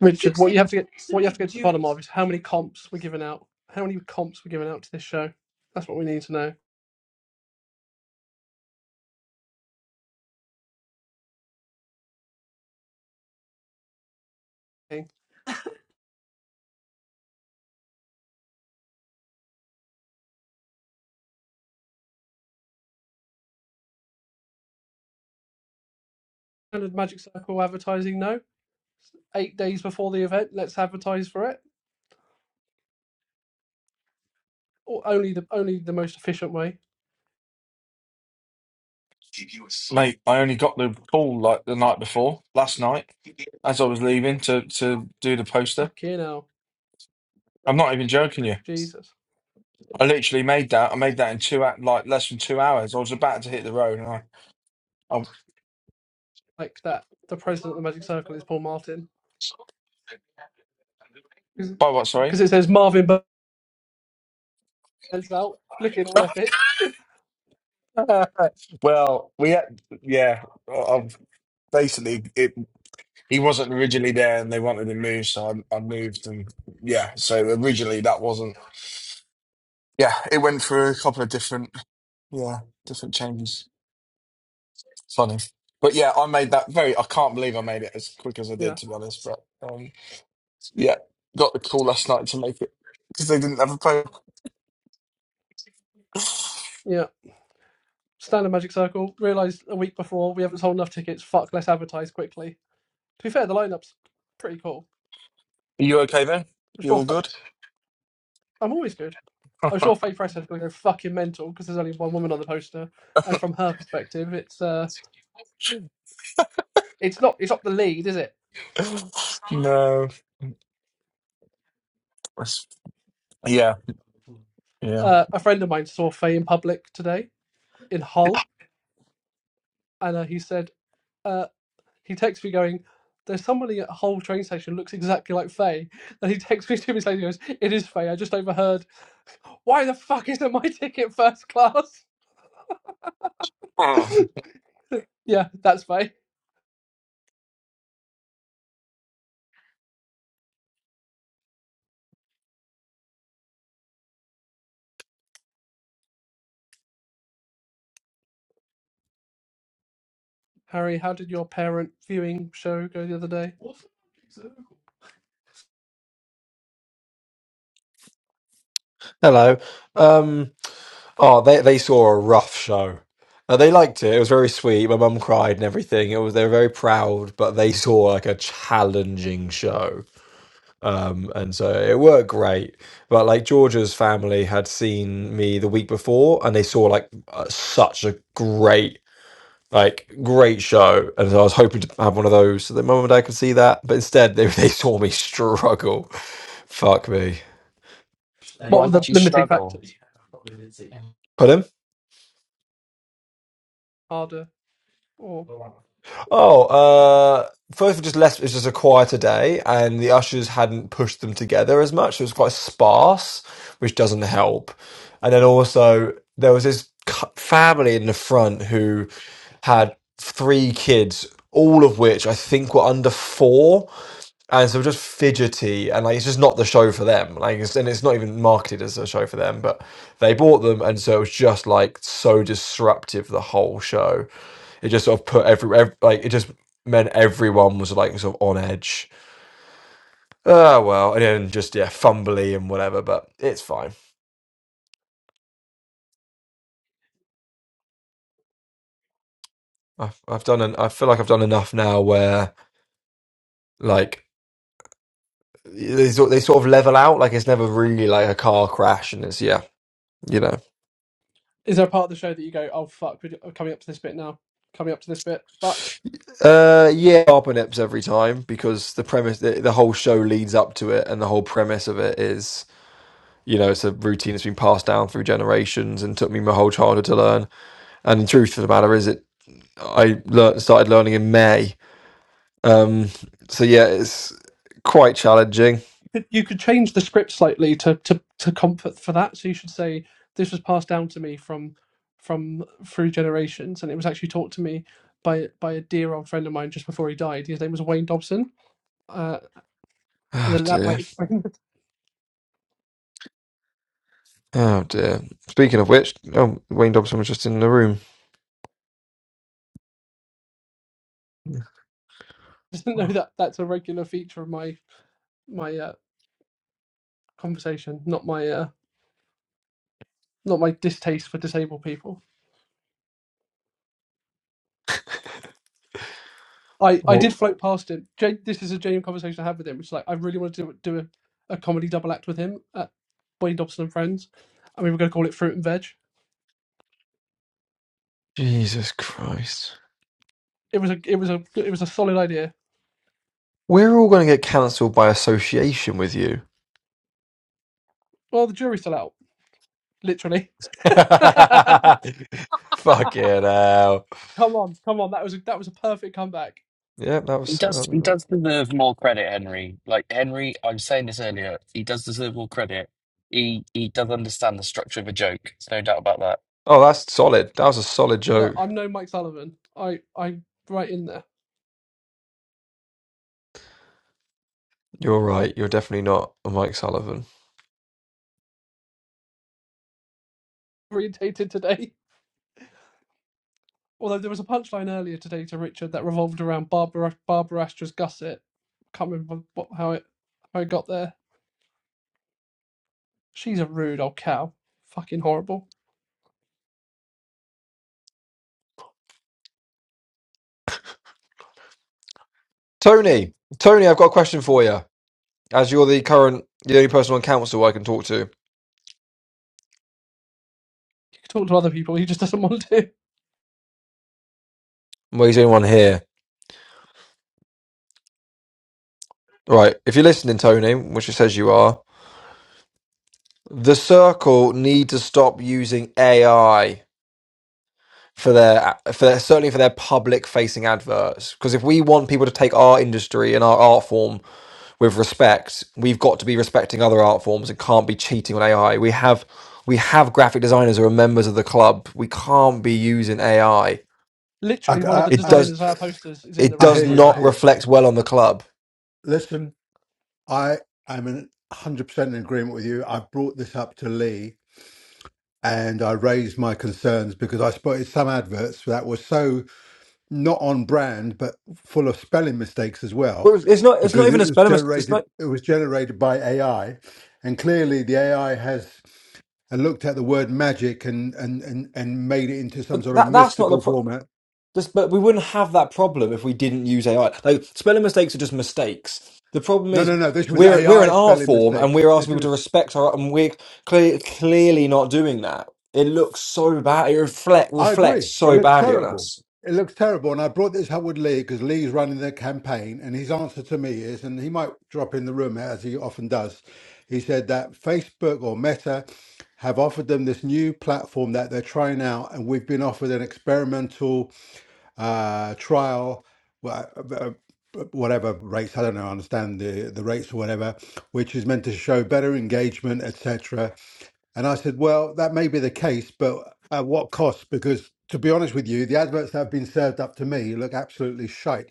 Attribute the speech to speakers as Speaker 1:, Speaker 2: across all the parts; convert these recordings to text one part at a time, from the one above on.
Speaker 1: Richard, what you have to get what you have to get to the bottom of is how many comps we're giving out. How many comps we're giving out to this show? That's what we need to know. Standard Magic Circle advertising, no. Eight days before the event, let's advertise for it. Or only the only the most efficient way.
Speaker 2: Mate, I only got the call like the night before, last night, as I was leaving to to do the poster.
Speaker 1: Fucking hell.
Speaker 2: I'm not even joking you.
Speaker 1: Jesus.
Speaker 2: I literally made that. I made that in two hou- like less than two hours. I was about to hit the road, and I. I
Speaker 1: Like that. The president of the Magic Circle is Paul Martin.
Speaker 2: by what? Sorry.
Speaker 1: Because it says Marvin Burns out, looking all epic.
Speaker 2: well, we had, yeah. I- I've basically it. He wasn't originally there, and they wanted him moved, so I, I moved, and yeah. So originally that wasn't. Yeah, it went through a couple of different yeah different changes. Funny. But yeah, I made that very, I can't believe I made it as quick as I did,
Speaker 1: Yeah.
Speaker 2: to be honest. But um, yeah, got the call last night to make it because they didn't have a play. Are
Speaker 1: Yeah. Standard Magic Circle. Realised a week before we haven't sold enough tickets. Fuck, let's advertise quickly. To be fair, the lineup's pretty cool.
Speaker 2: you okay then?
Speaker 1: I'm
Speaker 2: You
Speaker 1: sure.
Speaker 2: all
Speaker 1: Fa-
Speaker 2: good?
Speaker 1: I'm always good. I'm sure Faye Presshead's going to go fucking mental because there's only one woman on the poster, and from her perspective, it's uh, it's not it's not the lead, is it?
Speaker 2: no. That's- Yeah, yeah.
Speaker 1: Uh, a friend of mine saw Faye in public today in Hull, and uh, he said uh, he texts me going, "There's somebody at Hull train station looks exactly like Faye." And he texts me two minutes later, and goes, "It is Faye. I just overheard. Why the fuck isn't my ticket first class?"
Speaker 2: Um,
Speaker 1: Yeah, that's fine. Harry, how did your parent viewing show go the other day?
Speaker 3: Hello. Um, oh, they they saw a rough show. Uh, they liked it. It was very sweet. My mum cried and everything. It was they were very proud, but they saw like a challenging show. Um, and so it worked great. But like Georgia's family had seen me the week before, and they saw like uh, such a great like great show. And so I was hoping to have one of those so that my mum and dad could see that. But instead, they they saw me struggle. Fuck me.
Speaker 1: What
Speaker 4: Why
Speaker 1: were the
Speaker 4: did you
Speaker 1: limiting
Speaker 4: struggle?
Speaker 1: factors?
Speaker 3: Pardon?
Speaker 1: Harder or
Speaker 3: Oh, uh, first we just left. It was just a quieter day, and the ushers hadn't pushed them together as much. So it was quite sparse, which doesn't help. And then also there was this cu- family in the front who had three kids, all of which I think were under four, and so just fidgety, and like it's just not the show for them. Like, it's, and it's not even marketed as a show for them, but they bought them, and so it was just like so disruptive the whole show it just sort of put every, ev like it just meant everyone was like sort of on edge. Oh well, and then just yeah, fumbly and whatever. But it's fine. I've, I've done. An, I feel like I've done enough now where like they sort they sort of level out. Like it's never really like a car crash, and it's yeah, you know.
Speaker 1: is there a part of the show that you go, oh fuck, we're we're coming up to this bit now, coming up to this bit? Fuck,
Speaker 3: Uh, yeah, carbonips every time because the premise, the, the whole show leads up to it, and the whole premise of it is, you know, it's a routine that's been passed down through generations and took me my whole childhood to learn. And the truth of the matter is, it I learnt, started learning in May. Um, so yeah, it's quite challenging.
Speaker 1: you could, you could change the script slightly to to to comfort for that. So you should say this was passed down to me from from through generations, and it was actually taught to me by by a dear old friend of mine just before he died. His name was Wayne Dobson, uh, and
Speaker 3: Oh
Speaker 1: then that
Speaker 3: dear.
Speaker 1: might explain.
Speaker 3: Oh dear. Speaking of which, oh, Wayne Dobson was just in the room.
Speaker 1: doesn't know that that's a regular feature of my my uh, conversation, not my uh, not my distaste for disabled people. I, I
Speaker 3: What?
Speaker 1: did float past him. Jay, this is a genuine conversation I had with him, which is like I really wanted to do, do a, a comedy double act with him at Wayne Dobson and Friends, and we were going to call it Fruit and Veg.
Speaker 3: Jesus Christ.
Speaker 1: It was a it was a it was a solid idea.
Speaker 3: We're all going to get cancelled by association with you.
Speaker 1: Well, the jury's still out, literally. come
Speaker 3: Fucking hell.
Speaker 1: on, come on, that was a, that was a perfect comeback.
Speaker 3: Yeah, that
Speaker 4: He
Speaker 3: was.
Speaker 4: does. He
Speaker 3: Um,
Speaker 4: does deserve more credit, Henry. Like Henry, I was saying this earlier. He does deserve more credit. He he does understand the structure of a joke. There's no doubt about that.
Speaker 3: oh, that's solid. That was a solid
Speaker 1: Look,
Speaker 3: joke.
Speaker 1: I'm no Mike Sullivan. I I'm right in there,
Speaker 3: You're right. You're definitely not a Mike Sullivan.
Speaker 1: orientated today. Although there was a punchline earlier today to Richard that revolved around Barbara Barbara Astra's gusset. I Can't remember what, how it how it got there. She's a rude old cow. Fucking horrible.
Speaker 3: Tony, Tony, I've got a question for you. As you're the current, the only person on council I can talk to.
Speaker 1: You can talk to other people. He just doesn't want to.
Speaker 3: Well, he's the only one here. Right. If you're listening, Tony, which it says you are, the circle need to stop using AI for their for their, certainly for their public facing adverts. Because if we want people to take our industry and our art form with respect, we've got to be respecting other art forms and can't be cheating on AI. We have we have graphic designers who are members of the club. We can't be using AI.
Speaker 5: I,
Speaker 1: Literally, one of
Speaker 5: I,
Speaker 1: the
Speaker 3: It
Speaker 5: I,
Speaker 3: does
Speaker 1: designers of our posters is in the
Speaker 3: it
Speaker 5: I
Speaker 3: does
Speaker 5: hear
Speaker 1: room right
Speaker 5: you. I
Speaker 3: not
Speaker 1: now.
Speaker 5: hear.
Speaker 3: reflect well on the club.
Speaker 5: You. Listen, I am in 100% in agreement with you. I brought this up to Lee and I raised my concerns because I spotted some adverts that were so not on brand, but full of spelling mistakes as
Speaker 3: Well,
Speaker 5: well,
Speaker 3: it's it's not. It's not
Speaker 5: because
Speaker 3: even
Speaker 5: it
Speaker 3: a
Speaker 5: was
Speaker 3: spelling mistake. It's
Speaker 5: generated.
Speaker 3: not.
Speaker 5: It was generated by AI, and clearly the AI has and looked at the word magic and and and, and made it into some
Speaker 3: But
Speaker 5: sort of
Speaker 3: that that's not the
Speaker 5: mystical
Speaker 3: pro.
Speaker 5: format.
Speaker 3: This, but we wouldn't have that problem if we didn't use AI. Like spelling mistakes are just mistakes. The problem
Speaker 5: No,
Speaker 3: is
Speaker 5: no, no. This was
Speaker 3: we're we're an
Speaker 5: AI
Speaker 3: art
Speaker 5: spelling
Speaker 3: form and we're
Speaker 5: mistakes.
Speaker 3: asking
Speaker 5: This
Speaker 3: people to
Speaker 5: was
Speaker 3: respect our art, and we're clear, clearly not doing that. It looks so bad. It reflect
Speaker 5: I
Speaker 3: reflects
Speaker 5: agree. It
Speaker 3: so
Speaker 5: looks
Speaker 3: badly on
Speaker 5: terrible.
Speaker 3: us.
Speaker 5: It looks terrible. And I brought this up with Lee because Lee's running the campaign, and his answer to me is, and he might drop in the room as he often does. He said that Facebook or Meta have offered them this new platform that they're trying out, and we've been offered an experimental uh, trial, wha- uh, uh, whatever rates. I don't know. I understand the the rates or whatever, which is meant to show better engagement, etc. And I said, well, that may be the case, but at what cost? Because to be honest with you, the adverts that have been served up to me look absolutely shite.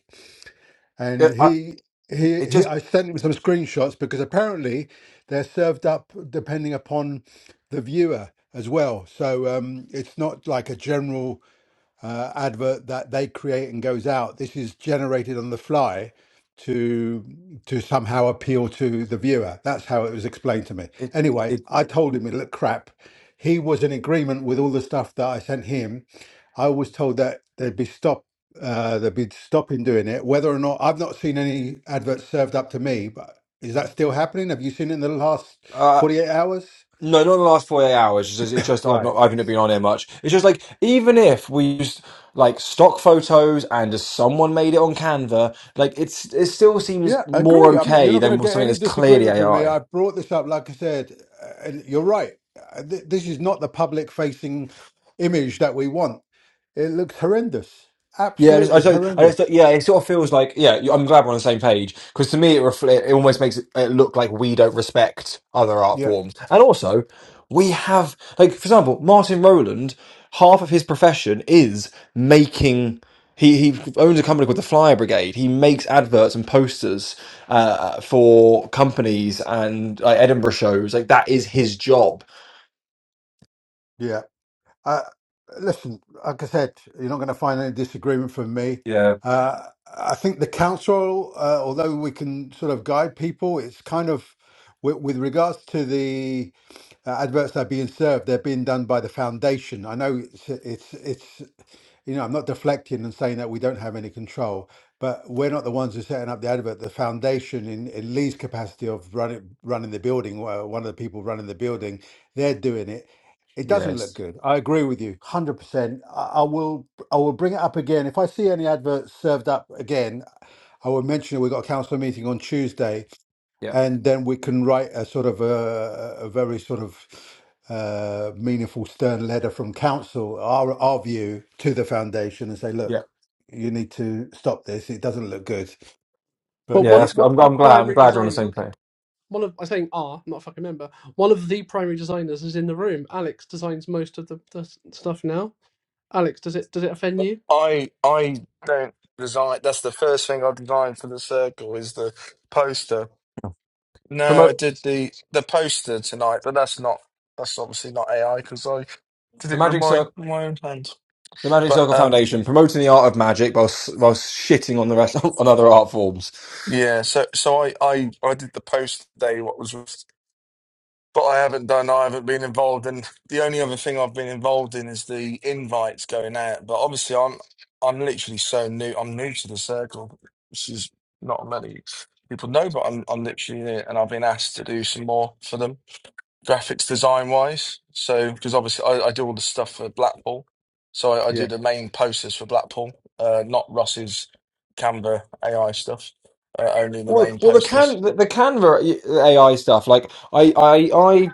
Speaker 5: And
Speaker 3: It, I,
Speaker 5: he, he,
Speaker 3: it
Speaker 5: he
Speaker 3: just
Speaker 5: I sent him some screenshots because apparently they're served up depending upon the viewer as well. So um, it's not like a general uh, advert that they create and goes out. This is generated on the fly to to somehow appeal to the viewer. That's how it was explained to me.
Speaker 3: it
Speaker 5: Anyway,
Speaker 3: it.
Speaker 5: I told him it looked crap. He was in agreement with all the stuff that I sent him. I was told that they'd be stop uh, they'd be stopping doing it. Whether or not I've not seen any adverts served up to me, but is that still happening? Have you seen it in the last
Speaker 3: uh,
Speaker 5: forty eight hours?
Speaker 3: No, not the last 48 hours. It's just, it's just I've
Speaker 5: Right.
Speaker 3: not, I haven't been on here much. It's just like, even if we used like stock photos and just someone made it on Canva, like it's, it still seems
Speaker 5: Yeah, I
Speaker 3: more
Speaker 5: agree. I'm not, you're
Speaker 3: okay
Speaker 5: not going to
Speaker 3: than
Speaker 5: get
Speaker 3: something
Speaker 5: any
Speaker 3: that's clearly
Speaker 5: disagreement from me.
Speaker 3: AI.
Speaker 5: I brought this up, like I said, uh, and you're right. Uh, th- This is not the public facing image that we want. It looks horrendous.
Speaker 3: Yeah, I just, I
Speaker 5: Absolutely
Speaker 3: just, I just,
Speaker 5: horrendous.
Speaker 3: yeah, it sort of feels like, yeah, you- I'm glad we're on the same page because to me, it reflect, it almost makes it, it look like we don't respect other art
Speaker 5: Yeah.
Speaker 3: forms, and also we have, like, for example, Martin Rowland, half of his profession is making. He, he owns a company called the Flyer Brigade. He makes adverts and posters uh, for companies and like Edinburgh shows. Like that is his job.
Speaker 5: Yeah. Uh, listen, like I said, you're not going to find any disagreement from me.
Speaker 3: Yeah.
Speaker 5: Uh, I think the council, uh, although we can sort of guide people, it's kind of with, with regards to the uh, adverts that are being served, they're being done by the foundation. I know it's it's it's you know I'm not deflecting and saying that we don't have any control, but we're not the ones who are setting up the advert. The foundation, in, in Lee's capacity of running running the building, uh, one of the people running the building, they're doing it. It doesn't look
Speaker 3: Yes.
Speaker 5: good. I agree with you, hundred percent. I, I will. I will bring it up again if I see any adverts served up again. I will mention we've got a council meeting on Tuesday,
Speaker 3: Yeah.
Speaker 5: and then we can write a sort of a, a very sort of uh, meaningful, stern letter from council, our our view to the foundation, and say,
Speaker 3: Yeah.
Speaker 5: look, you need to stop this. It doesn't look good.
Speaker 1: Well,
Speaker 5: But
Speaker 3: Yeah.
Speaker 1: one
Speaker 5: yeah,
Speaker 3: That's.
Speaker 1: one of
Speaker 3: I'm.
Speaker 1: our
Speaker 3: I'm glad. I'm
Speaker 1: primary
Speaker 3: glad you're on the same
Speaker 1: designers.
Speaker 3: page.
Speaker 1: One of I am think our, not a fucking member. One of the primary designers is in the room. Alex designs most of the, the stuff now. Alex, does it does it offend you?
Speaker 2: I I don't design. That's the first thing I designed for the circle is the poster. No, I
Speaker 3: Promote
Speaker 2: did the the poster tonight, but that's not that's obviously not AI because I did
Speaker 3: the
Speaker 2: it with
Speaker 3: Magic Circle.
Speaker 2: my my own hands.
Speaker 3: The Magic
Speaker 2: But
Speaker 3: Circle
Speaker 2: um,
Speaker 3: Foundation promoting the art of magic whilst whilst shitting on the rest on other art forms.
Speaker 2: Yeah, so so I I I did the post today. What was, but I haven't done. I haven't been involved, and the only other thing I've been involved in is the invites going out. But obviously, I'm I'm literally so new. I'm new to the circle, which is not many people know. But I'm I'm literally in it, and I've been asked to do some more for them graphics design wise. So because obviously I, I do all the stuff for Blackpool, so I, I do
Speaker 3: Yeah.
Speaker 2: the main posters for Blackpool, uh, not Ross's Canva AI stuff. Uh, only the
Speaker 3: Well,
Speaker 2: main
Speaker 3: well, the can
Speaker 2: posters.
Speaker 3: the, the Canva AI stuff. Like, I, I, I,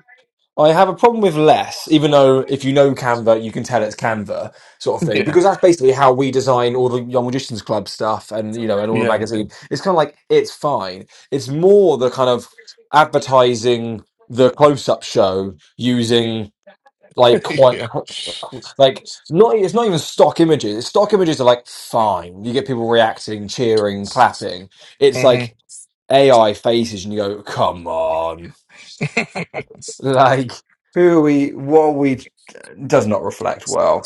Speaker 3: I have a problem with less, even though if you know Canva, you can tell it's Canva sort of thing,
Speaker 2: Yeah,
Speaker 3: because that's basically how we design all the Young Magicians Club stuff, and you know, and all the
Speaker 2: yeah,
Speaker 3: magazine. It's kind of like it's fine. It's more the kind of advertising the close-up show using like quite
Speaker 2: yeah.
Speaker 3: like not it's not even stock images stock images are like fine you get people reacting cheering clapping it's
Speaker 2: hmm Do
Speaker 3: like ai faces and you go come on like who are we what are we does not reflect well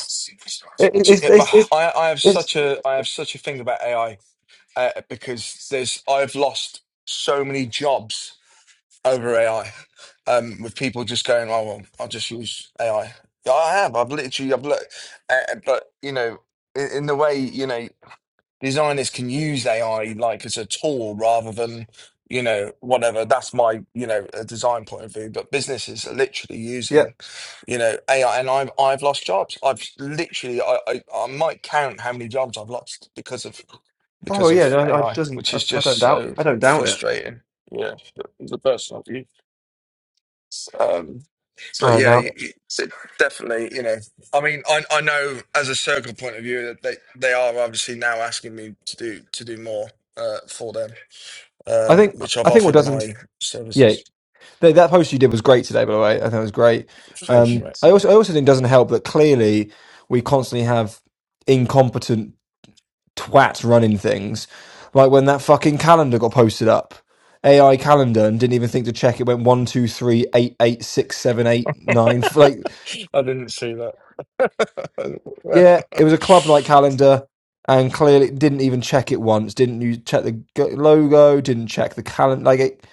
Speaker 3: it, it-
Speaker 2: you-
Speaker 3: it's,
Speaker 2: it- my-
Speaker 3: it's it's
Speaker 2: I, I have
Speaker 3: it's
Speaker 2: such a I have such a thing about AI uh, because there's I've lost so many jobs over AI, um, with people just going, "Oh, well, I'll just use AI." Yeah, I have. I've literally, I've looked, uh, but you know, in, in the way you know, designers can use AI like as a tool rather than you know whatever. That's my you know a design point of view. But businesses are literally
Speaker 3: yeah
Speaker 2: using you know AI, and I've I've lost jobs. I've literally, I I, I might count how many jobs I've lost because of
Speaker 3: Oh
Speaker 2: because
Speaker 3: yeah,
Speaker 2: of
Speaker 3: no, I
Speaker 2: AI,
Speaker 3: doesn't.
Speaker 2: which
Speaker 3: I,
Speaker 2: is
Speaker 3: I don't
Speaker 2: just
Speaker 3: doubt.
Speaker 2: so
Speaker 3: I don't doubt it.
Speaker 2: frustrating. Yeah, the personal view. Um, but
Speaker 3: I don't
Speaker 2: yeah,
Speaker 3: doubt
Speaker 2: you-
Speaker 3: it.
Speaker 2: you- so definitely, you know, I mean, I I know as a circle point of view that they they are obviously now asking me to do to do more uh, for them,
Speaker 3: I
Speaker 2: um,
Speaker 3: think.
Speaker 2: which I've
Speaker 3: I think what
Speaker 2: offered
Speaker 3: doesn't.
Speaker 2: my
Speaker 3: Yeah,
Speaker 2: services.
Speaker 3: that, that post you did was great today. By the way, I think it was great.
Speaker 2: Thank you,
Speaker 3: Um,
Speaker 2: mate.
Speaker 3: I also. I also think it doesn't help that clearly we constantly have incompetent twats running things, like when that fucking calendar got posted up. AI calendar and didn't even think to check it went one two three eight eight six seven eight nine. like.
Speaker 2: I didn't see that.
Speaker 3: Yeah, it was a club-night calendar, and clearly didn't even check it once. Didn't you check the g- logo? Didn't check the calendar. Like it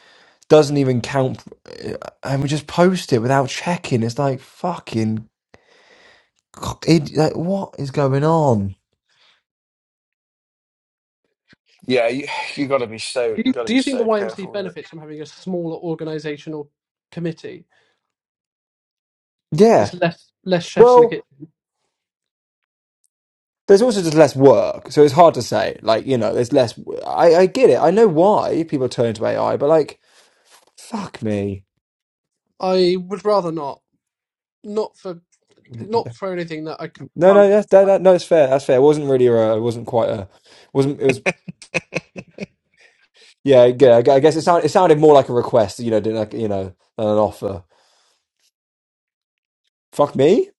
Speaker 3: doesn't even count. uh, And we just post it without checking. It's like fucking. It, like, what is going on?
Speaker 2: yeah, you you got to be so
Speaker 1: Do
Speaker 2: you
Speaker 1: you,
Speaker 2: got to
Speaker 1: do
Speaker 2: be
Speaker 1: you think the
Speaker 2: so
Speaker 1: YMC
Speaker 2: careful with it.
Speaker 1: benefits from having a smaller organisational committee?
Speaker 3: Yeah.
Speaker 1: It's less less chefs in the
Speaker 3: Well,
Speaker 1: kitchen.
Speaker 3: there's also just less work, so it's hard to say. Like you know, there's less. I, I get it. I know why people turn into AI, but like, fuck me.
Speaker 1: I would rather not, not for not
Speaker 3: No,
Speaker 1: for anything that I can't
Speaker 3: no, that's that,
Speaker 1: like
Speaker 3: that, no, it's fair. That's fair. It wasn't really a. It wasn't quite a. Wasn't it was Yeah, yeah. I gue- I guess it sounded it sounded more like a request, you know, than like you know, than an offer. Fuck me.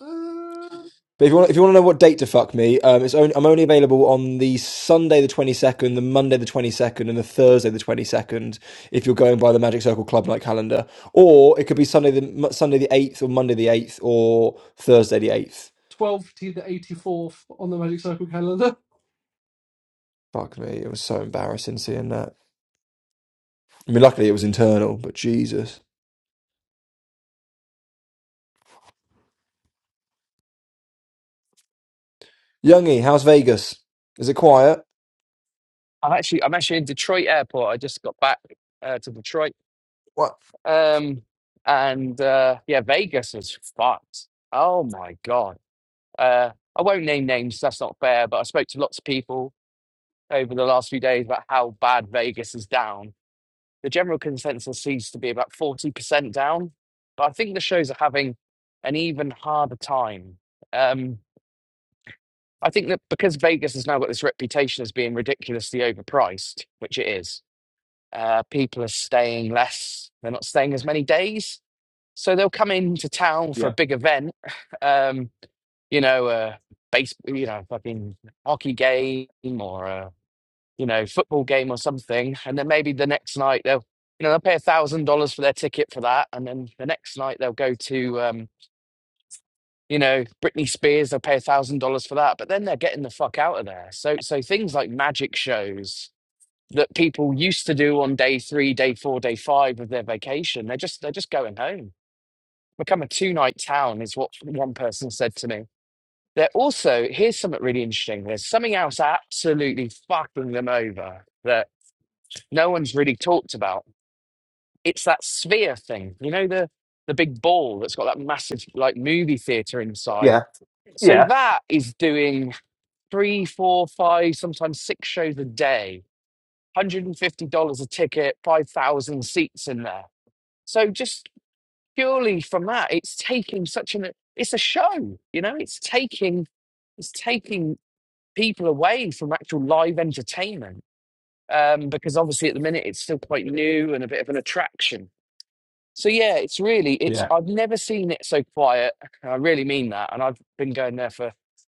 Speaker 1: uh,
Speaker 3: But if you want, if you want to know what date to fuck me, um, it's only, I'm only available on the Sunday the 22nd, the Monday the 22nd, and the Thursday the 22nd. If you're going by the Magic Circle Club night calendar, or it could be Sunday the Mo- Sunday the 8th, or Monday the 8th, or Thursday the 8th.
Speaker 1: twelve to the eighty fourth on the Magic Circle calendar.
Speaker 3: Fuck me, it was so embarrassing seeing that. I mean, luckily it was internal, but Jesus. Youngie, how's Vegas? Is it quiet?
Speaker 4: I'm actually I'm actually in Detroit airport. I just got back uh, to Detroit.
Speaker 3: What?
Speaker 4: Um, and uh, yeah, Vegas is fucked. Oh my god. Uh, I won't name names. That's not fair. But I spoke to lots of people over the last few days about how bad Vegas is down the general consensus seems to be about 40% down, but I think the shows are having an even harder time. Um, I think that because Vegas has now got this reputation as being ridiculously overpriced, which it is, uh, people are staying less, they're not staying as many days. So they'll come into town for a
Speaker 3: Yeah.
Speaker 4: big event, um, you know, uh, base, you know, fucking hockey game or a you know, football game or something, and then maybe the next night they'll, you know, they'll pay a thousand dollars for their ticket for that, and then the next night they'll go to, um, you know, Britney Spears. They'll pay a thousand dollars for that, but then they're getting the fuck out of there. So, so things like magic shows that people used to do on day three, day four, day five of their vacation, they're just they're just going home. Become a two night town is what one person said to me. They're also here's something really interesting. There's something else absolutely fucking them over. that. no one's really talked about. It's that sphere thing, you know, the the big ball that's got that massive like movie theater inside.
Speaker 3: Yeah.
Speaker 4: So that is doing three, four, five, sometimes six shows a day, one hundred and fifty dollars a ticket, five thousand seats in there. So just purely from that, it's taking such an it's a show, you know, it's taking it's taking people away from actual live entertainment um, because obviously at the minute it's still quite new and a bit of an attraction. So yeah, it's really it's
Speaker 3: Yeah.
Speaker 4: I've never seen it so quiet. I really mean that. And I've been going there for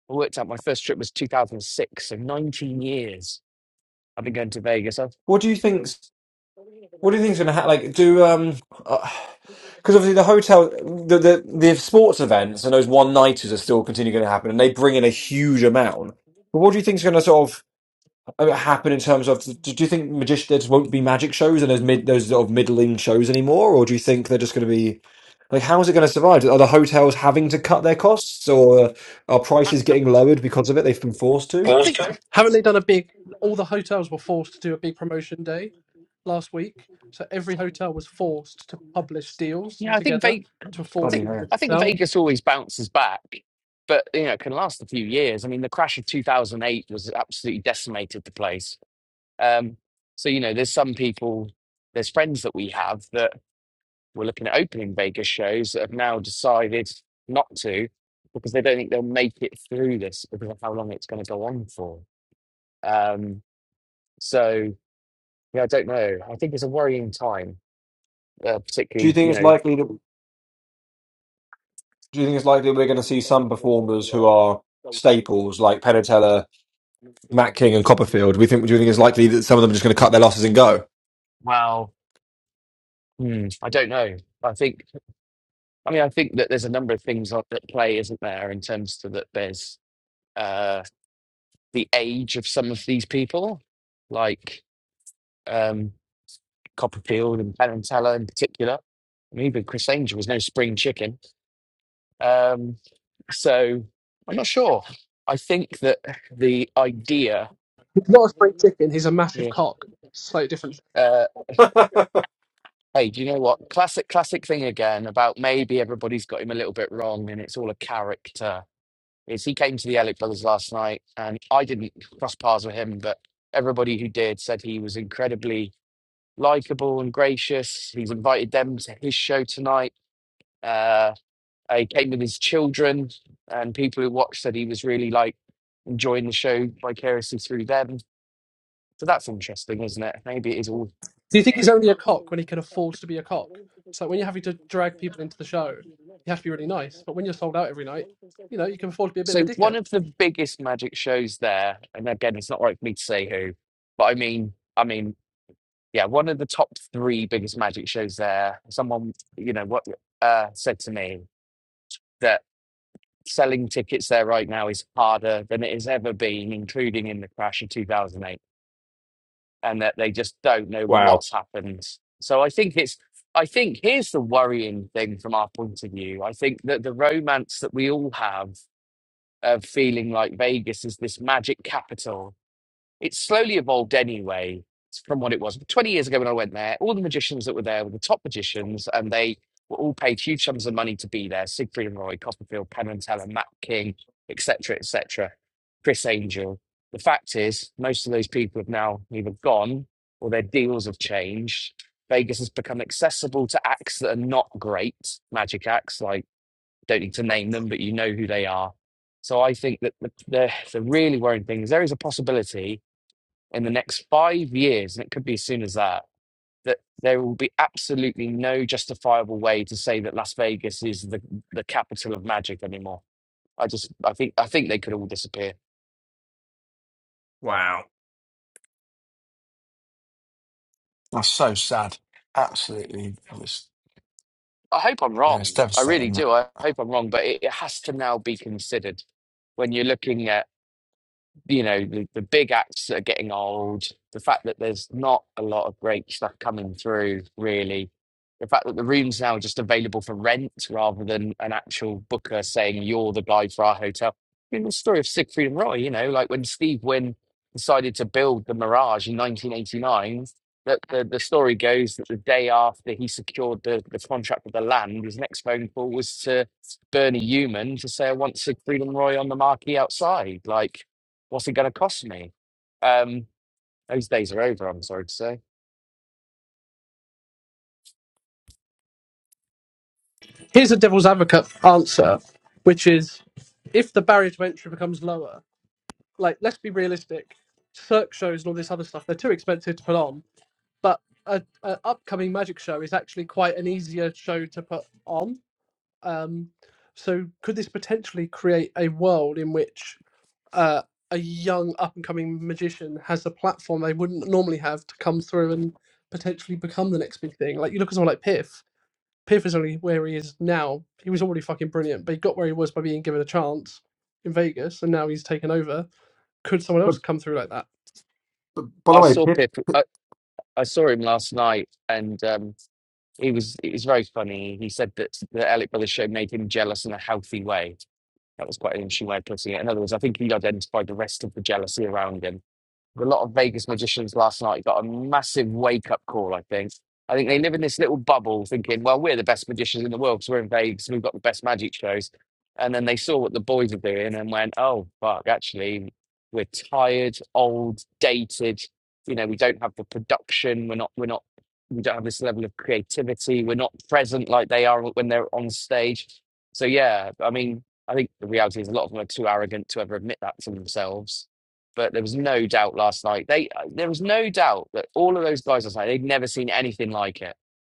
Speaker 4: I worked out my first trip was 2006, so 19 years I've been going to Vegas. I've,
Speaker 3: What do you think? What do you think's going to happen? Like, do um, because obviously the hotel, the, the the sports events and those one nighters are still continuing going to happen, and they bring in a huge amount. But what do you think's going to sort of uh, happen in terms of? Do, do you think magicians won't be magic shows and those mid those sort of middling shows anymore, or do you think they're just going to be like how is it
Speaker 4: I
Speaker 3: going to survive? Are the hotels having to cut their costs, or are prices getting lowered because of it? They've been forced to.
Speaker 4: think
Speaker 1: Haven't they done a big? All the hotels were forced to do a big promotion day last week, so every hotel was forced to publish deals
Speaker 4: Yeah, I think
Speaker 1: together
Speaker 4: Vegas.
Speaker 1: to
Speaker 4: I
Speaker 1: force
Speaker 3: Bloody
Speaker 4: think
Speaker 1: people to
Speaker 3: hell.
Speaker 4: I
Speaker 1: come
Speaker 4: think
Speaker 1: down.
Speaker 4: Vegas always bounces back, but you know, it can last a few years. I mean, the crash of two thousand eight was absolutely decimated the place. Um, so you know, there's some people, there's friends that we have that were looking at opening Vegas shows that have now decided not to because they don't think they'll make it through this because of how long it's going to go on for. Um, so yeah, I don't know. I think it's a worrying time, uh,
Speaker 3: Do you
Speaker 4: particularly
Speaker 3: think
Speaker 4: you
Speaker 3: it's
Speaker 4: know.
Speaker 3: likely that? Do you think it's likely we're going to see some performers who are staples like Penatella, Matt King, and Copperfield? We think. Do you think it's likely that some of them are just going to cut their losses and go?
Speaker 4: well. Hmm, I don't know. I think, I mean, I think that there's a number of things on- that play, isn't there, in terms to that there's uh, the age of some of these people, like um, Copperfield and Penantella in particular. I mean, even Chris Angel was no spring chicken. Um, so I'm not sure. I think that the idea,
Speaker 1: He's not a spring chicken. He's a massive
Speaker 4: yeah,
Speaker 1: cock. Slightly different.
Speaker 4: uh, hey, do you know what? Classic, classic thing again about maybe everybody's got him a little bit wrong and it's all a character is he came to the Elliott Brothers last night, and I didn't cross paths with him, but everybody who did said he was incredibly likable and gracious. He's invited them to his show tonight. Uh, he came with his children, and people who watched said he was really like enjoying the show vicariously through them. So that's interesting, isn't it? Maybe it is all.
Speaker 1: Do you think he's only a cock when he can afford to be a cock? So when you're having to drag people into the show, you have to be really nice. But when you're sold out every night, you know, you can afford to be a bit of a
Speaker 4: So one
Speaker 1: dickhead.
Speaker 4: of the biggest magic shows there, and again, it's not right for me to say who, but I mean, I mean, yeah, one of the top three biggest magic shows there. Someone, you know, what uh, said to me that selling tickets there right now is harder than it has ever been, including in the crash of 2008, and that they just don't know
Speaker 3: Wow!
Speaker 4: what's happened. So I think it's, I think here's the worrying thing from our point of view. I think that the romance that we all have of feeling like Vegas is this magic capital It's slowly evolved anyway from what it was. 20 years ago when I went there, all the magicians that were there were the top magicians and they were all paid huge sums of money to be there. Siegfried and Roy, Copperfield, Penn and Teller, Matt King, etc., etc., Chris Angel. The fact is, most of those people have now either gone or their deals have changed. Vegas has become accessible to acts that are not great magic acts, like don't need to name them, but you know who they are. So I think that the, the, the really worrying thing is there is a possibility in the next five years, and it could be as soon as that, that there will be absolutely no justifiable way to say that Las Vegas is the, the capital of magic anymore. I just, I think, I think they could all disappear.
Speaker 3: Wow!
Speaker 2: That's so sad. Absolutely, it's,
Speaker 4: I hope I'm
Speaker 2: yeah, it's
Speaker 4: wrong. I really
Speaker 2: devastating. That.
Speaker 4: do. I hope I'm wrong, but it, it has to now be considered when you're looking at you know the, the big acts that are getting old the fact that there's not a lot of great stuff coming through really the fact that the room's now just available for rent rather than an actual booker saying you're the guy for our hotel you know the story of siegfried and roy you know like when steve wynn decided to build the mirage in 1989 that the, the story goes that the day after he secured the, the contract with the land his next phone call was to bernie Eumann to say i want siegfried and roy on the marquee outside like What's it going to cost me? Um, those days are over. I'm sorry to say.
Speaker 1: Here's a devil's advocate answer, which is if the barrier to entry becomes lower, like let's be realistic, circ shows and all this other stuff, they're too expensive to put on. But a, a upcoming magic show is actually quite an easier show to put on Um, so could this potentially create a world in which uh, a young up and coming magician has a platform they wouldn't normally have to come through and potentially become the next big thing? Like you look at someone like Piff. Piff is only where he is now. He was already fucking brilliant, but he got where he was by being given a chance in Vegas, and now he's taken over. Could someone else come through like that?
Speaker 3: By the
Speaker 4: I
Speaker 3: way,
Speaker 4: saw
Speaker 3: Pip,
Speaker 4: Pip. I, I saw him last night, and um, he was it was very funny. He said that the Elliott Brothers show made him jealous in a healthy way. That was quite an interesting way of putting it. In other words, I think he identified the rest of the jealousy around him a lot of Vegas magicians last night got a massive wake up call, I think. I think they live in this little bubble thinking, well, we're the best magicians in the world because we're in Vegas and we've got the best magic shows. And then they saw what the boys are doing and went, oh, fuck, actually, we're tired, old, dated. You know, we don't have the production. We're not, we're not, we don't have this level of creativity. We're not present like they are when they're on stage. So, yeah, I mean, I think the reality is a lot of them are too arrogant to ever admit that to themselves but there was no doubt last night. They there was no doubt that all of those guys last night they'd never seen anything like it,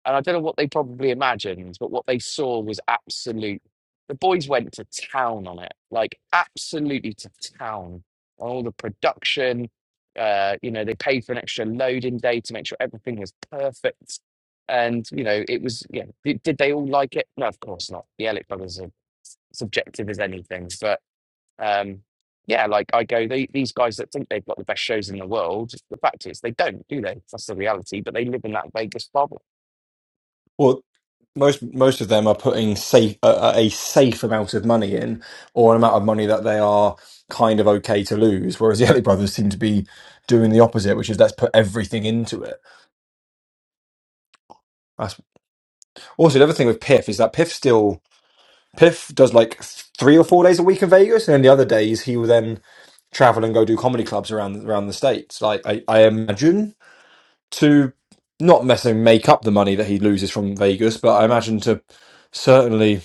Speaker 4: and I don't know what they probably imagined, but what they saw was absolute. The boys went to town on it, like absolutely to town on all the production. Uh, you know, they paid for an extra loading day to make sure everything was perfect, and you know it was. Yeah, did, did they all like it? No, of course not. The Elliott brothers are subjective as anything, but. Um, yeah, like I go, they, these guys that think they've got the best shows in the world, the fact is they don't, do they? That's the reality. But they live in that Vegas bubble
Speaker 3: Well, most most of them are putting safe a, a a safe amount of money in, or an amount of money that they are kind of okay to lose. Whereas the Ellie brothers seem to be doing the opposite, which is let's put everything into it. That's also the other thing with Piff is that Piff still Piff does like three or four days a week in Vegas, and then the other days he will then travel and go do comedy clubs around around the states. Like I, I imagine to not necessarily make up the money that he loses from Vegas, but I imagine to certainly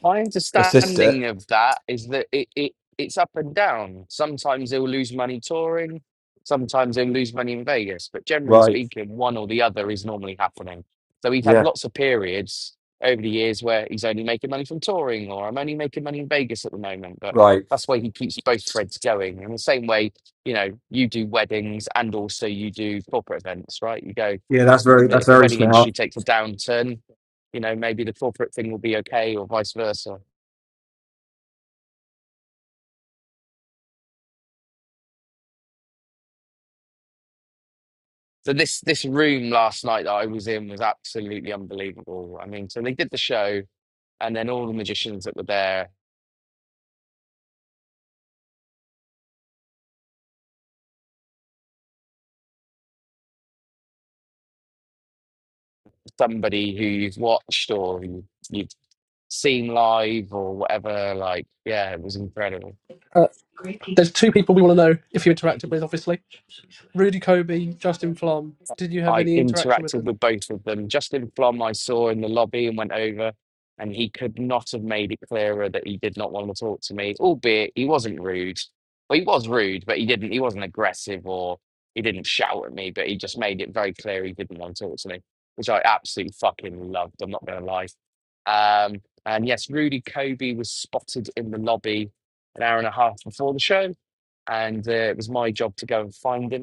Speaker 4: My
Speaker 3: assist
Speaker 4: understanding
Speaker 3: it.
Speaker 4: of that is that it, it it's up and down. Sometimes they'll lose money touring, sometimes they'll lose money in Vegas, but generally
Speaker 3: Right
Speaker 4: speaking, one or the other is normally happening. So we've had
Speaker 3: Yeah.
Speaker 4: lots of periods over the years where he's only making money from touring, or I'm only making money in Vegas at the moment, but
Speaker 3: Right.
Speaker 4: that's why he keeps both threads going. In the same way, you know, you do weddings and also you do corporate events, right? You go,
Speaker 3: Yeah, that's very that's
Speaker 4: if the
Speaker 3: very
Speaker 4: wedding industry
Speaker 3: smart.
Speaker 4: takes a downturn, you know, maybe the corporate thing will be okay, or vice versa. So this this room last night that I was in was absolutely unbelievable. I mean, so they did the show, and then all the magicians that were there, somebody who you've watched or you, you've seen live or whatever. Like, yeah, it was incredible.
Speaker 1: Uh, there's two people we want to know if you interacted with, obviously. Rudy Kobe, Justin Flom. Did you have
Speaker 4: I
Speaker 1: any interaction with
Speaker 4: interacted
Speaker 1: them?
Speaker 4: with both of them. Justin Flom, I saw in the lobby and went over, and he could not have made it clearer that he did not want to talk to me, albeit he wasn't rude. Well, he was rude, but he didn't, he wasn't aggressive or he didn't shout at me, but he just made it very clear he didn't want to talk to me, which I absolutely fucking loved. I'm not going to lie. Um, and yes, Rudy Kobe was spotted in the lobby an hour and a half before the show, and uh, it was my job to go and find him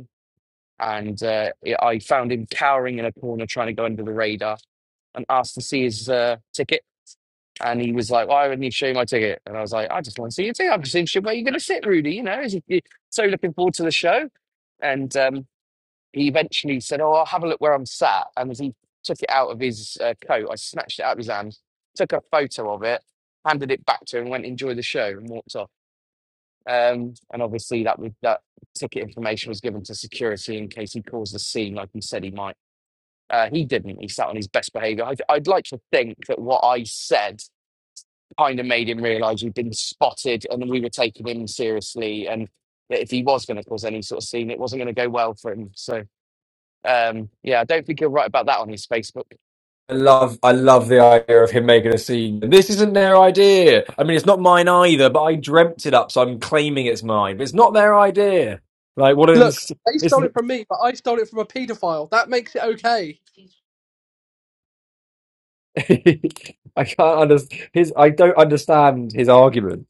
Speaker 4: and uh, yeah, I found him cowering in a corner trying to go under the radar and asked to see his uh, ticket. And he was like, "Why wouldn't you show you my ticket?" And I was like, "I just want to see your ticket. I'm just interested where you're going to sit, Rudy. You know, is he, he- so looking forward to the show." And um, he eventually said, "Oh, I'll have a look where I'm sat." And as he took it out of his uh, coat, I snatched it out of his hand, took a photo of it, handed it back to him, went enjoy the show, and walked off. Um, and obviously that was, that ticket information was given to security in case he caused a scene, like he said he might. Uh, he didn't. He sat on his best behaviour. I'd, I'd like to think that what I said kind of made him realise we'd been spotted and we were taking him seriously, and that if he was going to cause any sort of scene, it wasn't going to go well for him. So um, yeah, I don't think you're right about that on his Facebook.
Speaker 3: I love I love the idea of him making a scene. This isn't their idea. I mean, it's not mine either, but I dreamt it up, so I'm claiming it's mine. But it's not their idea. Like what an
Speaker 1: Look,
Speaker 3: inst-
Speaker 1: they
Speaker 3: it's,
Speaker 1: stole it from me, but I stole it from a paedophile. That makes it okay.
Speaker 3: I can't understand his. I don't understand his argument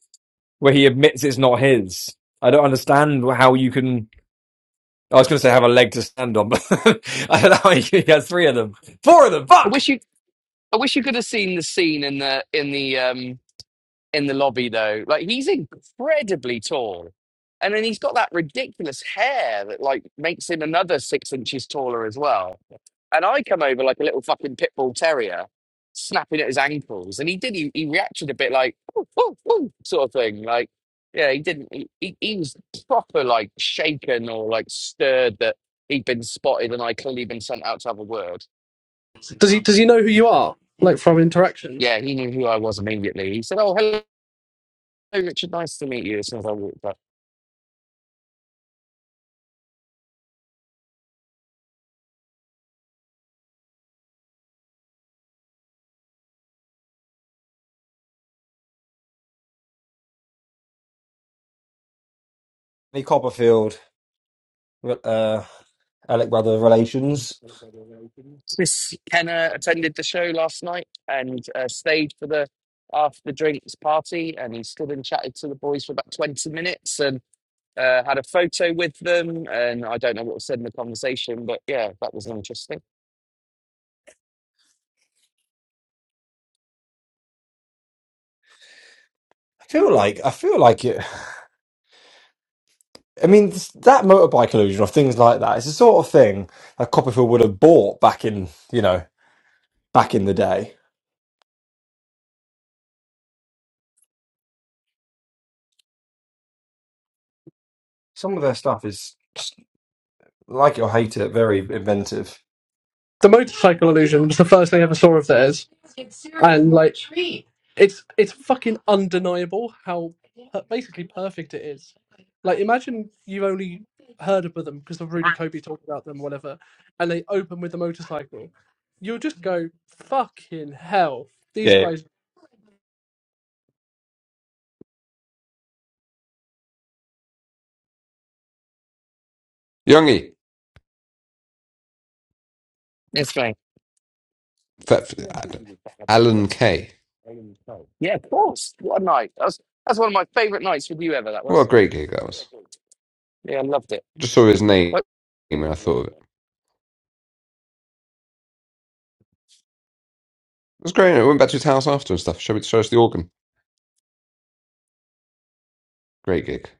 Speaker 3: where he admits it's not his. I don't understand how you can. I was going to say have a leg to stand on, but I don't know. He has three of them, four of them.
Speaker 4: I
Speaker 3: Fuck.
Speaker 4: wish you, I wish you could have seen the scene in the in the um, in the lobby though. Like he's incredibly tall. And then he's got that ridiculous hair that like makes him another six inches taller as well. And I come over like a little fucking pit bull terrier, snapping at his ankles. And he did he, he reacted a bit like "Ooh, ooh, ooh," sort of thing. Like yeah, he didn't he, he, he was proper like shaken or like stirred that he'd been spotted and I clearly been sent out to have a word.
Speaker 1: Does he does he know who you are? Like from interactions?
Speaker 4: Yeah, he knew who I was immediately. He said, Oh hello Richard, nice to meet you as soon as I walked up.
Speaker 3: Any Copperfield. re- uh, Alec brother relations.
Speaker 4: Chris Kenner attended the show last night and uh, stayed for the after the drinks party, and he stood and chatted to the boys for about twenty minutes and uh, had a photo with them. And I don't know what was said in the conversation, but yeah, that was interesting.
Speaker 3: I feel like I feel like it. I mean, this, that motorbike illusion or things like that. It's the sort of thing that Copperfield would have bought back in you know back in the day. Some of their stuff is like it or hate it, very inventive.
Speaker 1: the motorcycle illusion was the first thing I ever saw of theirs, and like it's it's fucking undeniable how per- basically perfect it is. Like imagine you've only heard of them because of Rudy Kobe talking about them, whatever, and they open with the motorcycle. You'll just go fucking hell. These
Speaker 3: Yeah.
Speaker 1: guys,
Speaker 6: Youngie,
Speaker 4: Yes, mate.
Speaker 6: F-
Speaker 4: Yeah,
Speaker 6: F- Alan Kay.
Speaker 4: of course. What a night! That's that's one of my favourite nights with you ever. That
Speaker 6: What a
Speaker 4: was.
Speaker 6: great gig that was.
Speaker 4: Yeah, I loved it.
Speaker 6: Just saw his name
Speaker 4: But
Speaker 6: and I thought of it. It was great. I went back to his house after and stuff. Showed, me- showed us the organ. Great gig.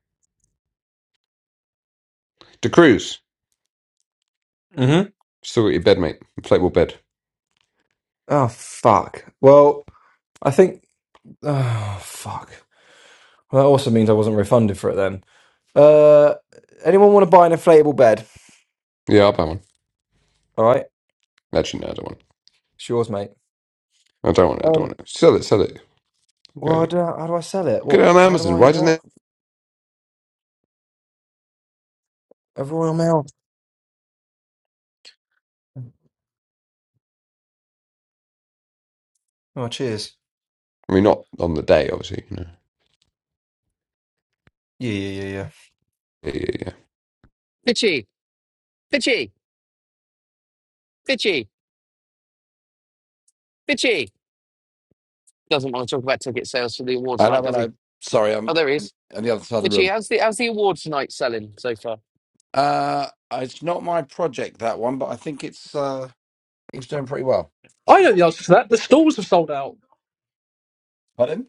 Speaker 6: De Cruz.
Speaker 3: hmm
Speaker 6: Still got your bed, mate. Inflatable bed.
Speaker 3: Oh fuck. Well, I think. Oh fuck. Well, that also means I wasn't refunded for it then. Uh, anyone want to buy an inflatable bed?
Speaker 6: Yeah, I'll buy one.
Speaker 3: All right,
Speaker 6: Actually, no, I don't want it.
Speaker 3: it's yours, mate.
Speaker 6: I don't want it. I don't
Speaker 3: Um,
Speaker 6: want it. Sell it. Sell it. Go.
Speaker 3: well, I don't, how do I sell it?
Speaker 6: Get it
Speaker 3: What?
Speaker 6: on
Speaker 3: How do
Speaker 6: Amazon.
Speaker 3: I?
Speaker 6: Why doesn't
Speaker 3: What?
Speaker 6: it?
Speaker 3: A Royal Mail. Oh, cheers.
Speaker 6: I mean, not on the day, obviously. You know.
Speaker 3: Yeah, yeah, yeah,
Speaker 6: Yeah, yeah, yeah.
Speaker 4: Pitchy, Pitchy, Pitchy, Pitchy doesn't want to talk about ticket sales for the awards
Speaker 7: I know
Speaker 4: night,
Speaker 7: when
Speaker 4: does he?
Speaker 7: I sorry,
Speaker 4: Oh,
Speaker 7: I'm
Speaker 4: there he is.
Speaker 7: on the other side of the
Speaker 4: Did she?
Speaker 7: room.
Speaker 4: How's the how's the awards night selling so far?
Speaker 7: Uh it's not my project that one, but I think it's uh it's doing pretty well.
Speaker 1: I know the answer to that. The stalls have sold out.
Speaker 7: Pardon?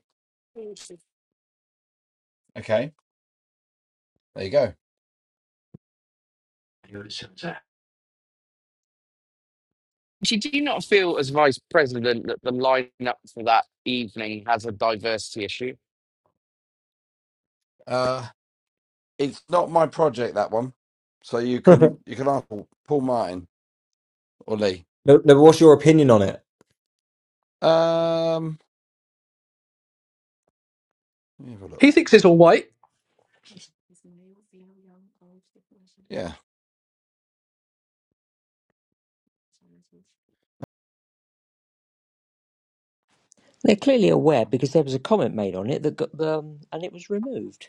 Speaker 7: Okay. There you go.
Speaker 4: She do you not feel as vice president that the lineup for that evening has a diversity issue?
Speaker 7: Uh it's not my project that one. So you
Speaker 3: yeah.
Speaker 7: can you can ask Paul, Paul Martin or Lee.
Speaker 3: No, no, what's your opinion on it?
Speaker 7: Um let me have a look.
Speaker 1: He thinks it's all white.
Speaker 7: Yeah.
Speaker 8: They're clearly aware because there was a comment made on it that got um, and it was removed.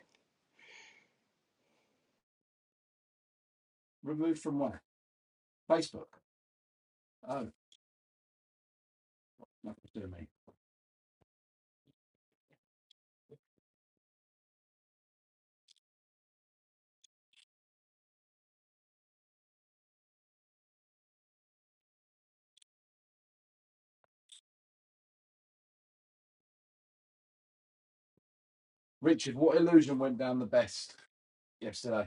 Speaker 7: Removed from where? Facebook. Oh, nothing to do me. Richard, what illusion went down the best yesterday?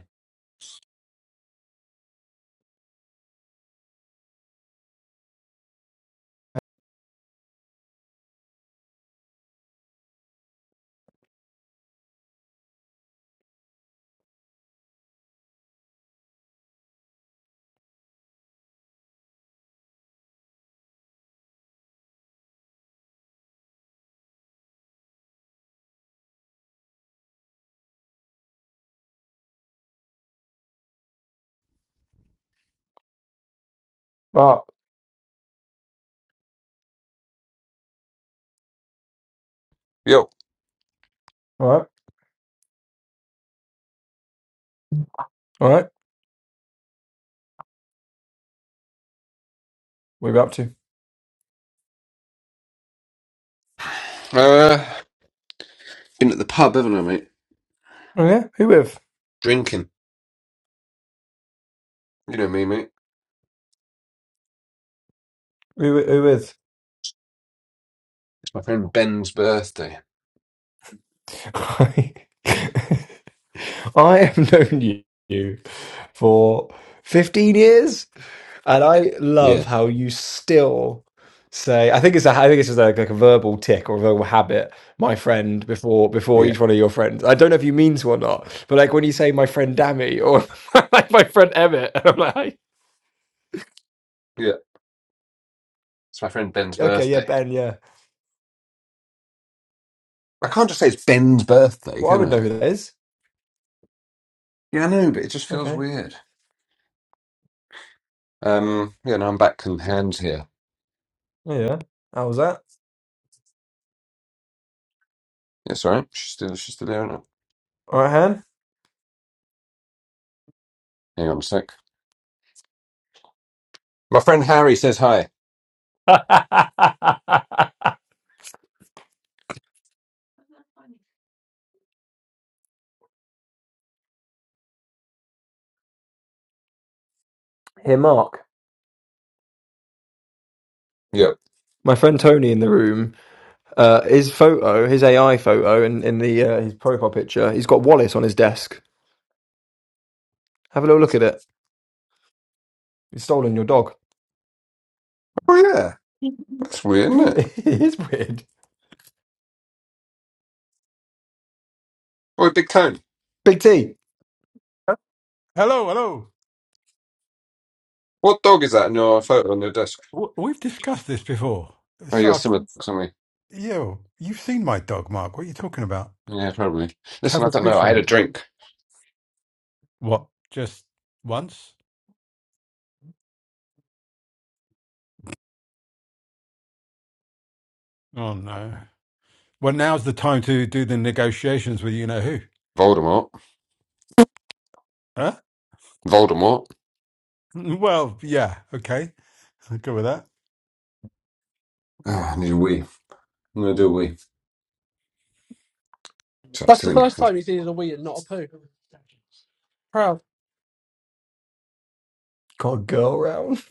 Speaker 3: Ah, all
Speaker 6: Yo.
Speaker 3: right, all right. What are we up to?
Speaker 6: Uh, been at the pub, haven't I, mate?
Speaker 3: Oh yeah, who with?
Speaker 6: Drinking. You know me, mate.
Speaker 3: Who, wi-
Speaker 6: It's my friend Ben's birthday.
Speaker 3: who with? I have known you for 15 years, and I love
Speaker 6: Yeah.
Speaker 3: how you still say, I think it's a, I think it's just like, like a verbal tick or a verbal habit, my friend, before before
Speaker 6: Yeah.
Speaker 3: each one of your friends. I don't know if you mean to or not, but like when you say my friend Dammy or like my friend Emmett, and I'm like,
Speaker 6: Yeah. It's my friend Ben's
Speaker 3: okay, yeah,
Speaker 6: birthday.
Speaker 3: Ben, yeah.
Speaker 6: I can't just say it's Ben's birthday,
Speaker 3: Well, I
Speaker 6: can
Speaker 3: would know
Speaker 6: I?
Speaker 3: who that is.
Speaker 6: Yeah, I know, but it just feels
Speaker 3: Okay.
Speaker 6: weird. Um, yeah, no, I'm back in hands here.
Speaker 3: Yeah. yeah. How was that?
Speaker 6: Yes, all right. She's still, she's still there, isn't it?
Speaker 3: All right, Han.
Speaker 6: Hang on a sec. My friend Harry says hi.
Speaker 3: Here, Mark.
Speaker 6: Yep.
Speaker 3: My friend Tony in the room Uh, his photo, his AI photo, in in the uh, his profile picture, he's got Wallace on his desk. Have a little look at it. He's stolen your dog.
Speaker 6: Oh, yeah. That's weird, isn't it?
Speaker 3: it is weird.
Speaker 6: Oh, big cone.
Speaker 3: Big T
Speaker 5: Hello, hello.
Speaker 6: What dog is that in your photo on your desk?
Speaker 5: W- We've discussed this before.
Speaker 6: Oh, you got
Speaker 5: Sark,
Speaker 6: similar dogs on me.
Speaker 5: you, you've seen my dog, Mark. What are you talking about?
Speaker 6: Yeah, probably. Listen, I
Speaker 5: Cover
Speaker 6: don't know. I had a
Speaker 5: fusion.
Speaker 6: drink.
Speaker 5: What? Just once? Oh no. Well, now's the time to do the negotiations with you know who.
Speaker 6: Voldemort.
Speaker 5: Huh?
Speaker 6: Voldemort.
Speaker 5: Well, yeah, okay. I'll go with that.
Speaker 6: Oh, I need a wee. I'm going to do a wee. Sorry, I was
Speaker 1: That's the first
Speaker 6: thinking.
Speaker 1: time he's seen it as a wee and not a poo. Proud.
Speaker 3: got a girl round.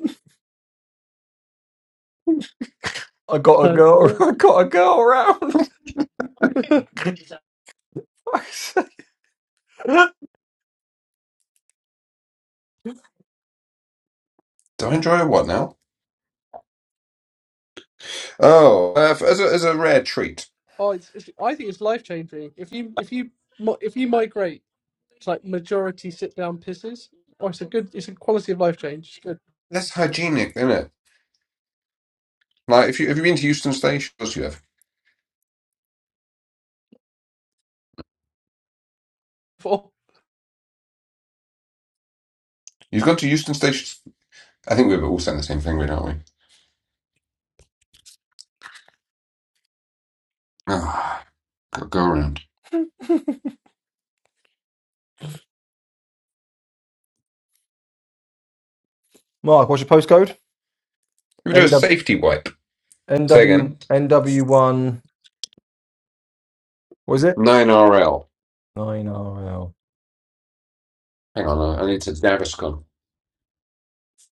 Speaker 3: I got a
Speaker 1: Turn.
Speaker 3: girl. I got a girl round.
Speaker 6: Do I enjoy what now? Oh, uh, f- as, a, as a rare treat.
Speaker 1: Oh, it's, it's, I think it's life changing. If you if you mi- if you migrate to like majority sit down pisses, oh, it's a good, it's a quality of life change. It's good.
Speaker 6: That's hygienic, isn't it? Like, if you have you been to Euston Station? Of course you have.
Speaker 1: For
Speaker 6: You've gone to Euston Station. I think we're all saying the same thing, really, aren't we? Ah, go, go around.
Speaker 3: Mark, what's your postcode?
Speaker 6: We do a
Speaker 3: NW
Speaker 6: safety wipe. Say
Speaker 3: NW
Speaker 6: again.
Speaker 3: NW one. What is it?
Speaker 6: Nine RL.
Speaker 3: Nine RL.
Speaker 6: Hang on, I I need to Gaviscon.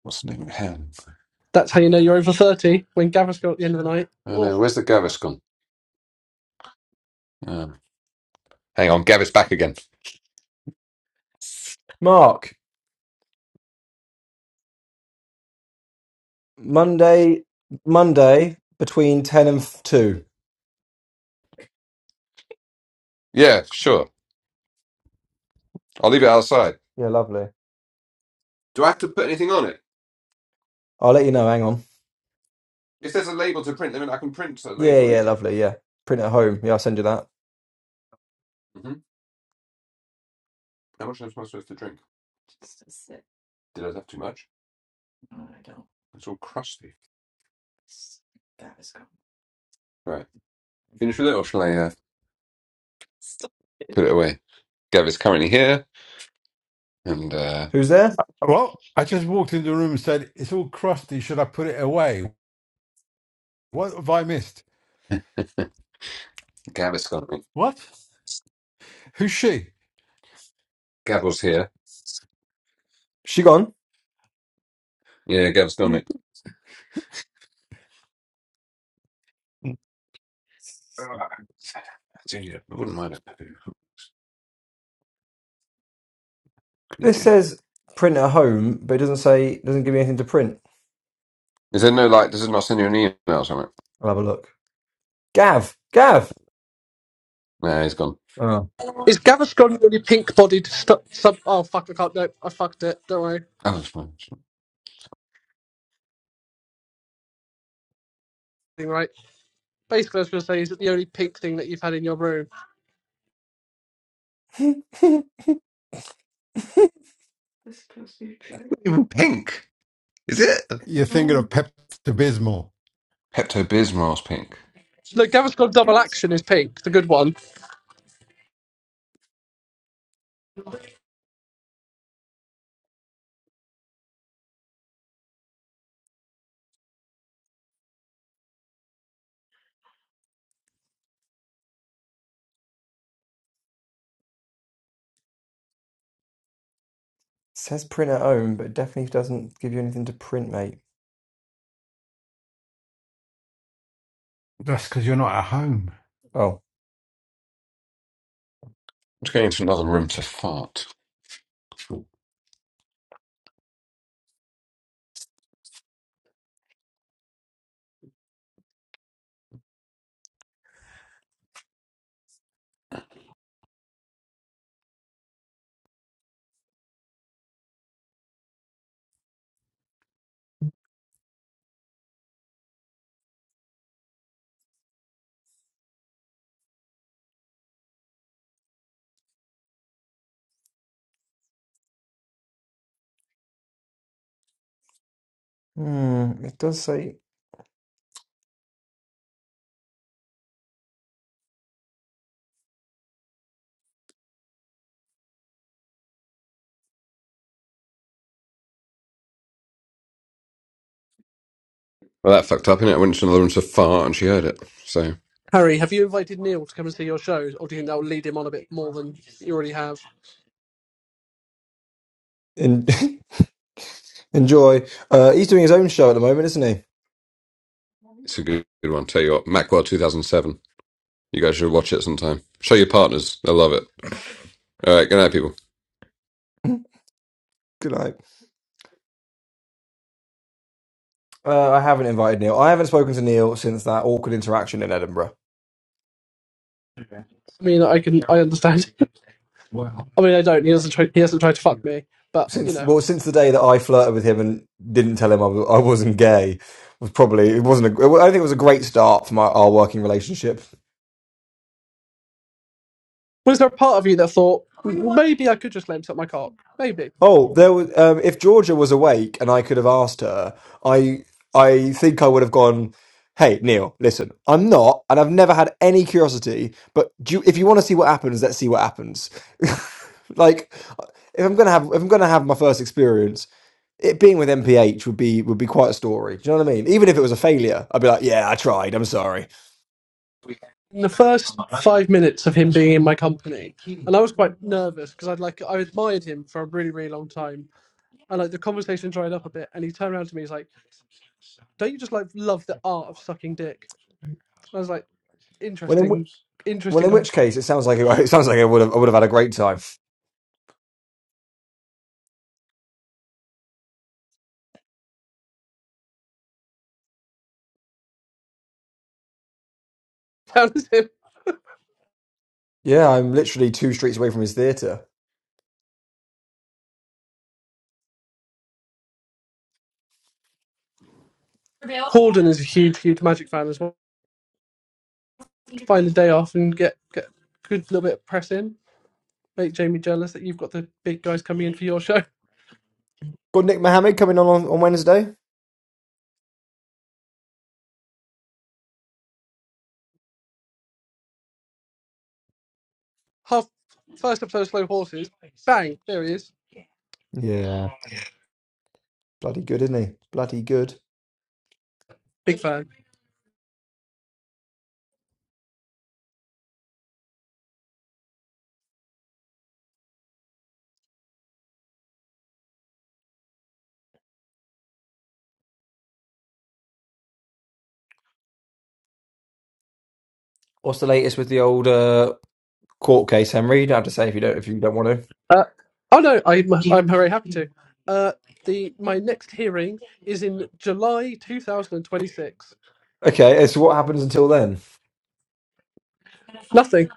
Speaker 6: What's the name? Hang on.
Speaker 1: that's how you know you're over thirty when Gaviscon at the end of the night.
Speaker 6: Oh
Speaker 1: Oh,
Speaker 6: no, where's the Gaviscon? Um, hang on, Gav is back again.
Speaker 3: Mark, Monday Monday between ten and two.
Speaker 6: Yeah, sure. I'll leave it outside.
Speaker 3: Yeah, lovely.
Speaker 6: Do I have to put anything on it?
Speaker 3: I'll let you know. Hang on.
Speaker 6: If there's a label to print, then I can print a
Speaker 3: Yeah,
Speaker 6: label
Speaker 3: yeah,
Speaker 6: easy.
Speaker 3: lovely. Yeah, print at home. Yeah, I'll send you that.
Speaker 6: hmm How much am I supposed to drink? Did I have too much? It's all crusty. That is gone. Right. Finish with it, or shall I uh, Stop it. put it away? Gav is currently here, and uh,
Speaker 3: Who's there?
Speaker 5: Well, I just walked into the room and said, It's all crusty. Should I put it away? What have I missed?
Speaker 6: Gav is gone.
Speaker 5: What? Who's she?
Speaker 6: Gavel's here.
Speaker 3: She gone.
Speaker 6: Yeah, Gav's gone. Mate. Ah, dude, I wouldn't mind a poo. What can you
Speaker 3: This
Speaker 6: do?
Speaker 3: says print at home, but it doesn't say, doesn't give me anything to print.
Speaker 6: Is there no like? Does it not send you an email or something?
Speaker 3: I'll have a look. Gav, Gav.
Speaker 6: No, he's gone.
Speaker 3: Oh.
Speaker 1: is Gaviscon really pink bodied? Stu- sub? Oh fuck, I can't. No, I fucked it. Don't worry.
Speaker 6: Oh, it's fine. It's not
Speaker 1: Thing Right. Basically, I was going to say, is it the only pink thing that you've had in your room?
Speaker 6: even pink. Is it?
Speaker 5: You're thinking of Pepto Bismol.
Speaker 6: Pepto Bismol's pink. I'm
Speaker 1: Look, Gaviscon Double Action is pink, the good one.
Speaker 3: Says print at home, but it definitely doesn't give you anything to print, mate.
Speaker 5: That's because you're not at home.
Speaker 3: Oh.
Speaker 6: just going into another room to fart.
Speaker 3: Hmm. It does say.
Speaker 6: Well, that fucked up, innit? I went into another room to fart and she heard it. So,
Speaker 1: Harry, have you invited Neil to come and see your shows, or do you think that will lead him on a bit more than you already have?
Speaker 3: In- Enjoy. Uh, he's doing his own show at the moment, isn't he?
Speaker 6: it's a good, good one. Tell you what, Macworld 2007. You guys should watch it sometime. Show your partners. They'll love it. All right, good night, people.
Speaker 3: Good night. Uh, I haven't invited Neil. I haven't spoken to Neil since that awkward interaction in Edinburgh.
Speaker 1: I mean, I can, I understand. I mean, I don't. He doesn't. Try, he hasn't tried to fuck me. But you
Speaker 3: since
Speaker 1: know,
Speaker 3: well since the day that I flirted with him and didn't tell him I, was, I wasn't gay was probably it wasn't a, I think it was a great start for my our working relationship.
Speaker 1: was there a part of you that thought "Mm, maybe I could just let him suck my cock? Maybe.
Speaker 3: Oh, there was um, if Georgia was awake and I could have asked her, I I think I would have gone. Hey Neil, listen, I'm not, and I've never had any curiosity. But do you, if you want to see what happens, let's see what happens. like, if I'm gonna have if I'm gonna have my first experience, it being with MPH would be would be quite a story. Do you know what I mean? Even if it was a failure, I'd be like, yeah, I tried. I'm sorry.
Speaker 1: In the first five minutes of him being in my company, and I was quite nervous because I'd like I admired him for a really really long time, and like the conversation dried up a bit, and he turned around to me. He's like, "Don't you just like love the art of sucking dick?" And I was like,
Speaker 3: When in whi-
Speaker 1: "Interesting,
Speaker 3: well,
Speaker 1: interesting
Speaker 3: in which
Speaker 1: conversation."
Speaker 3: case, it sounds like it, it sounds like I would have I would have had a great time.
Speaker 1: That was him.
Speaker 3: Yeah, I'm literally two streets away from his theatre.
Speaker 1: Corden is a huge huge Magic fan as well. Find a day off and get get a good little bit of press in. make Jamie jealous that you've got the big guys coming in for your show.
Speaker 3: Got Nick Mohammed coming on, on on Wednesday.
Speaker 1: Half first episode of Slow Horses. Bang! There he is.
Speaker 3: Yeah, bloody good, isn't he? Bloody good.
Speaker 1: Big fan.
Speaker 3: What's the latest with the old uh, court case, Henry? You don't have to say if you don't if you don't want to.
Speaker 1: Uh, oh no, I'm I'm very happy to. Uh, the my next hearing is in July 2026.
Speaker 3: Okay, so what happens until then?
Speaker 1: Nothing.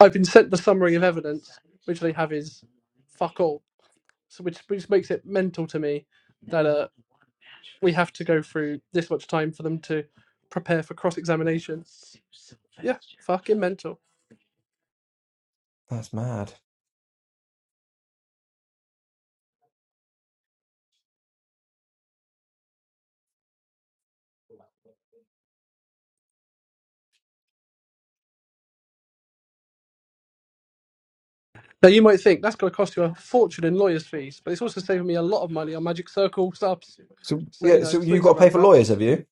Speaker 1: I've been sent the summary of evidence, which they have is fuck all. so which which makes it mental to me that uh we have to go through this much time for them to prepare for cross examination. Yeah, fucking mental.
Speaker 3: That's mad.
Speaker 1: Now you might think that's going to cost you a fortune in lawyers' fees, but it's also saving me a lot of money on Magic Circle subs.
Speaker 3: So
Speaker 1: So you
Speaker 3: yeah,
Speaker 1: know,
Speaker 3: so you
Speaker 1: swings
Speaker 3: got
Speaker 1: and
Speaker 3: to pay for
Speaker 1: roundabouts.
Speaker 3: lawyers, have you?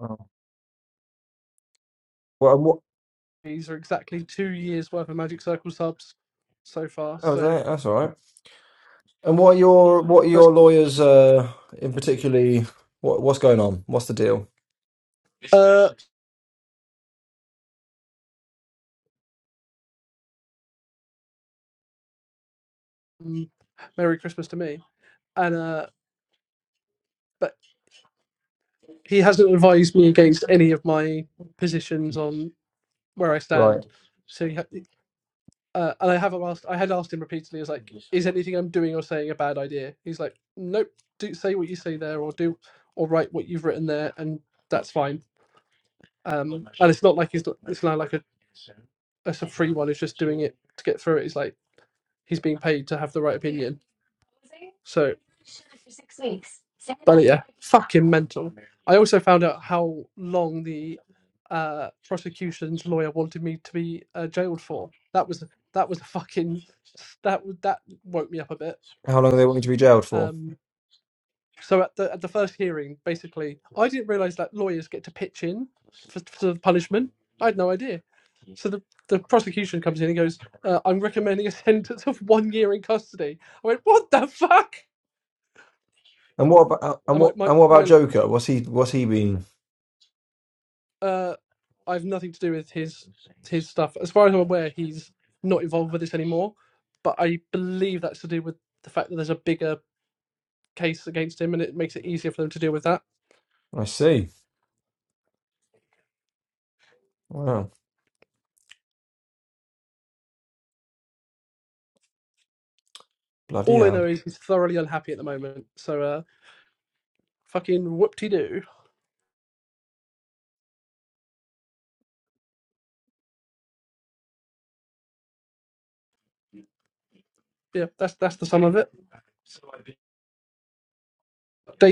Speaker 3: Oh. Well, and what?
Speaker 1: These are exactly two years worth of Magic Circle subs so far.
Speaker 3: Oh, is
Speaker 1: So
Speaker 3: that? That's all right. And what are your what are
Speaker 1: first,
Speaker 3: your lawyers uh in particularly what what's going on? What's the deal?
Speaker 1: uh, mm, Merry Christmas to me. And uh, but he hasn't advised me against any of my positions on where I
Speaker 3: Right.
Speaker 1: stand. So, he, ha- uh, and I have asked, I had asked him repeatedly, I was like, is anything I'm doing or saying a bad idea? He's like, nope, do say what you say there, or do, or write what you've written there, and that's fine. Um, and it's not like he's, not, it's not like a, a sort of free one who's just doing it to get through it. It's like he's being paid to have the right opinion. So, but yeah, fucking mental. I also found out how long the uh, prosecution's lawyer wanted me to be uh, jailed for. That was that was a fucking that that woke me up a bit.
Speaker 3: How long do they want you to be jailed for?
Speaker 1: Um, so at the at the first hearing, basically, I didn't realise that lawyers get to pitch in for, for the punishment. I had no idea. So the, the prosecution comes in and goes, uh, "I'm recommending a sentence of one year in custody." I went, "What the fuck?"
Speaker 3: And what about and
Speaker 1: And my
Speaker 3: what
Speaker 1: my,
Speaker 3: and what
Speaker 1: my
Speaker 3: about Joker? What's he what's he been?
Speaker 1: Uh, I have nothing to do with his his stuff. As far as I'm aware, he's not involved with this anymore. But I believe that's to do with the fact that there's a bigger case against him, and it makes it easier for them to deal with that.
Speaker 3: I see. Wow. Bloody
Speaker 1: All I
Speaker 3: hell.
Speaker 1: know is he's thoroughly unhappy at the moment. So, uh, fucking whoop-de-doo. Yeah, that's that's the sum of it. Date.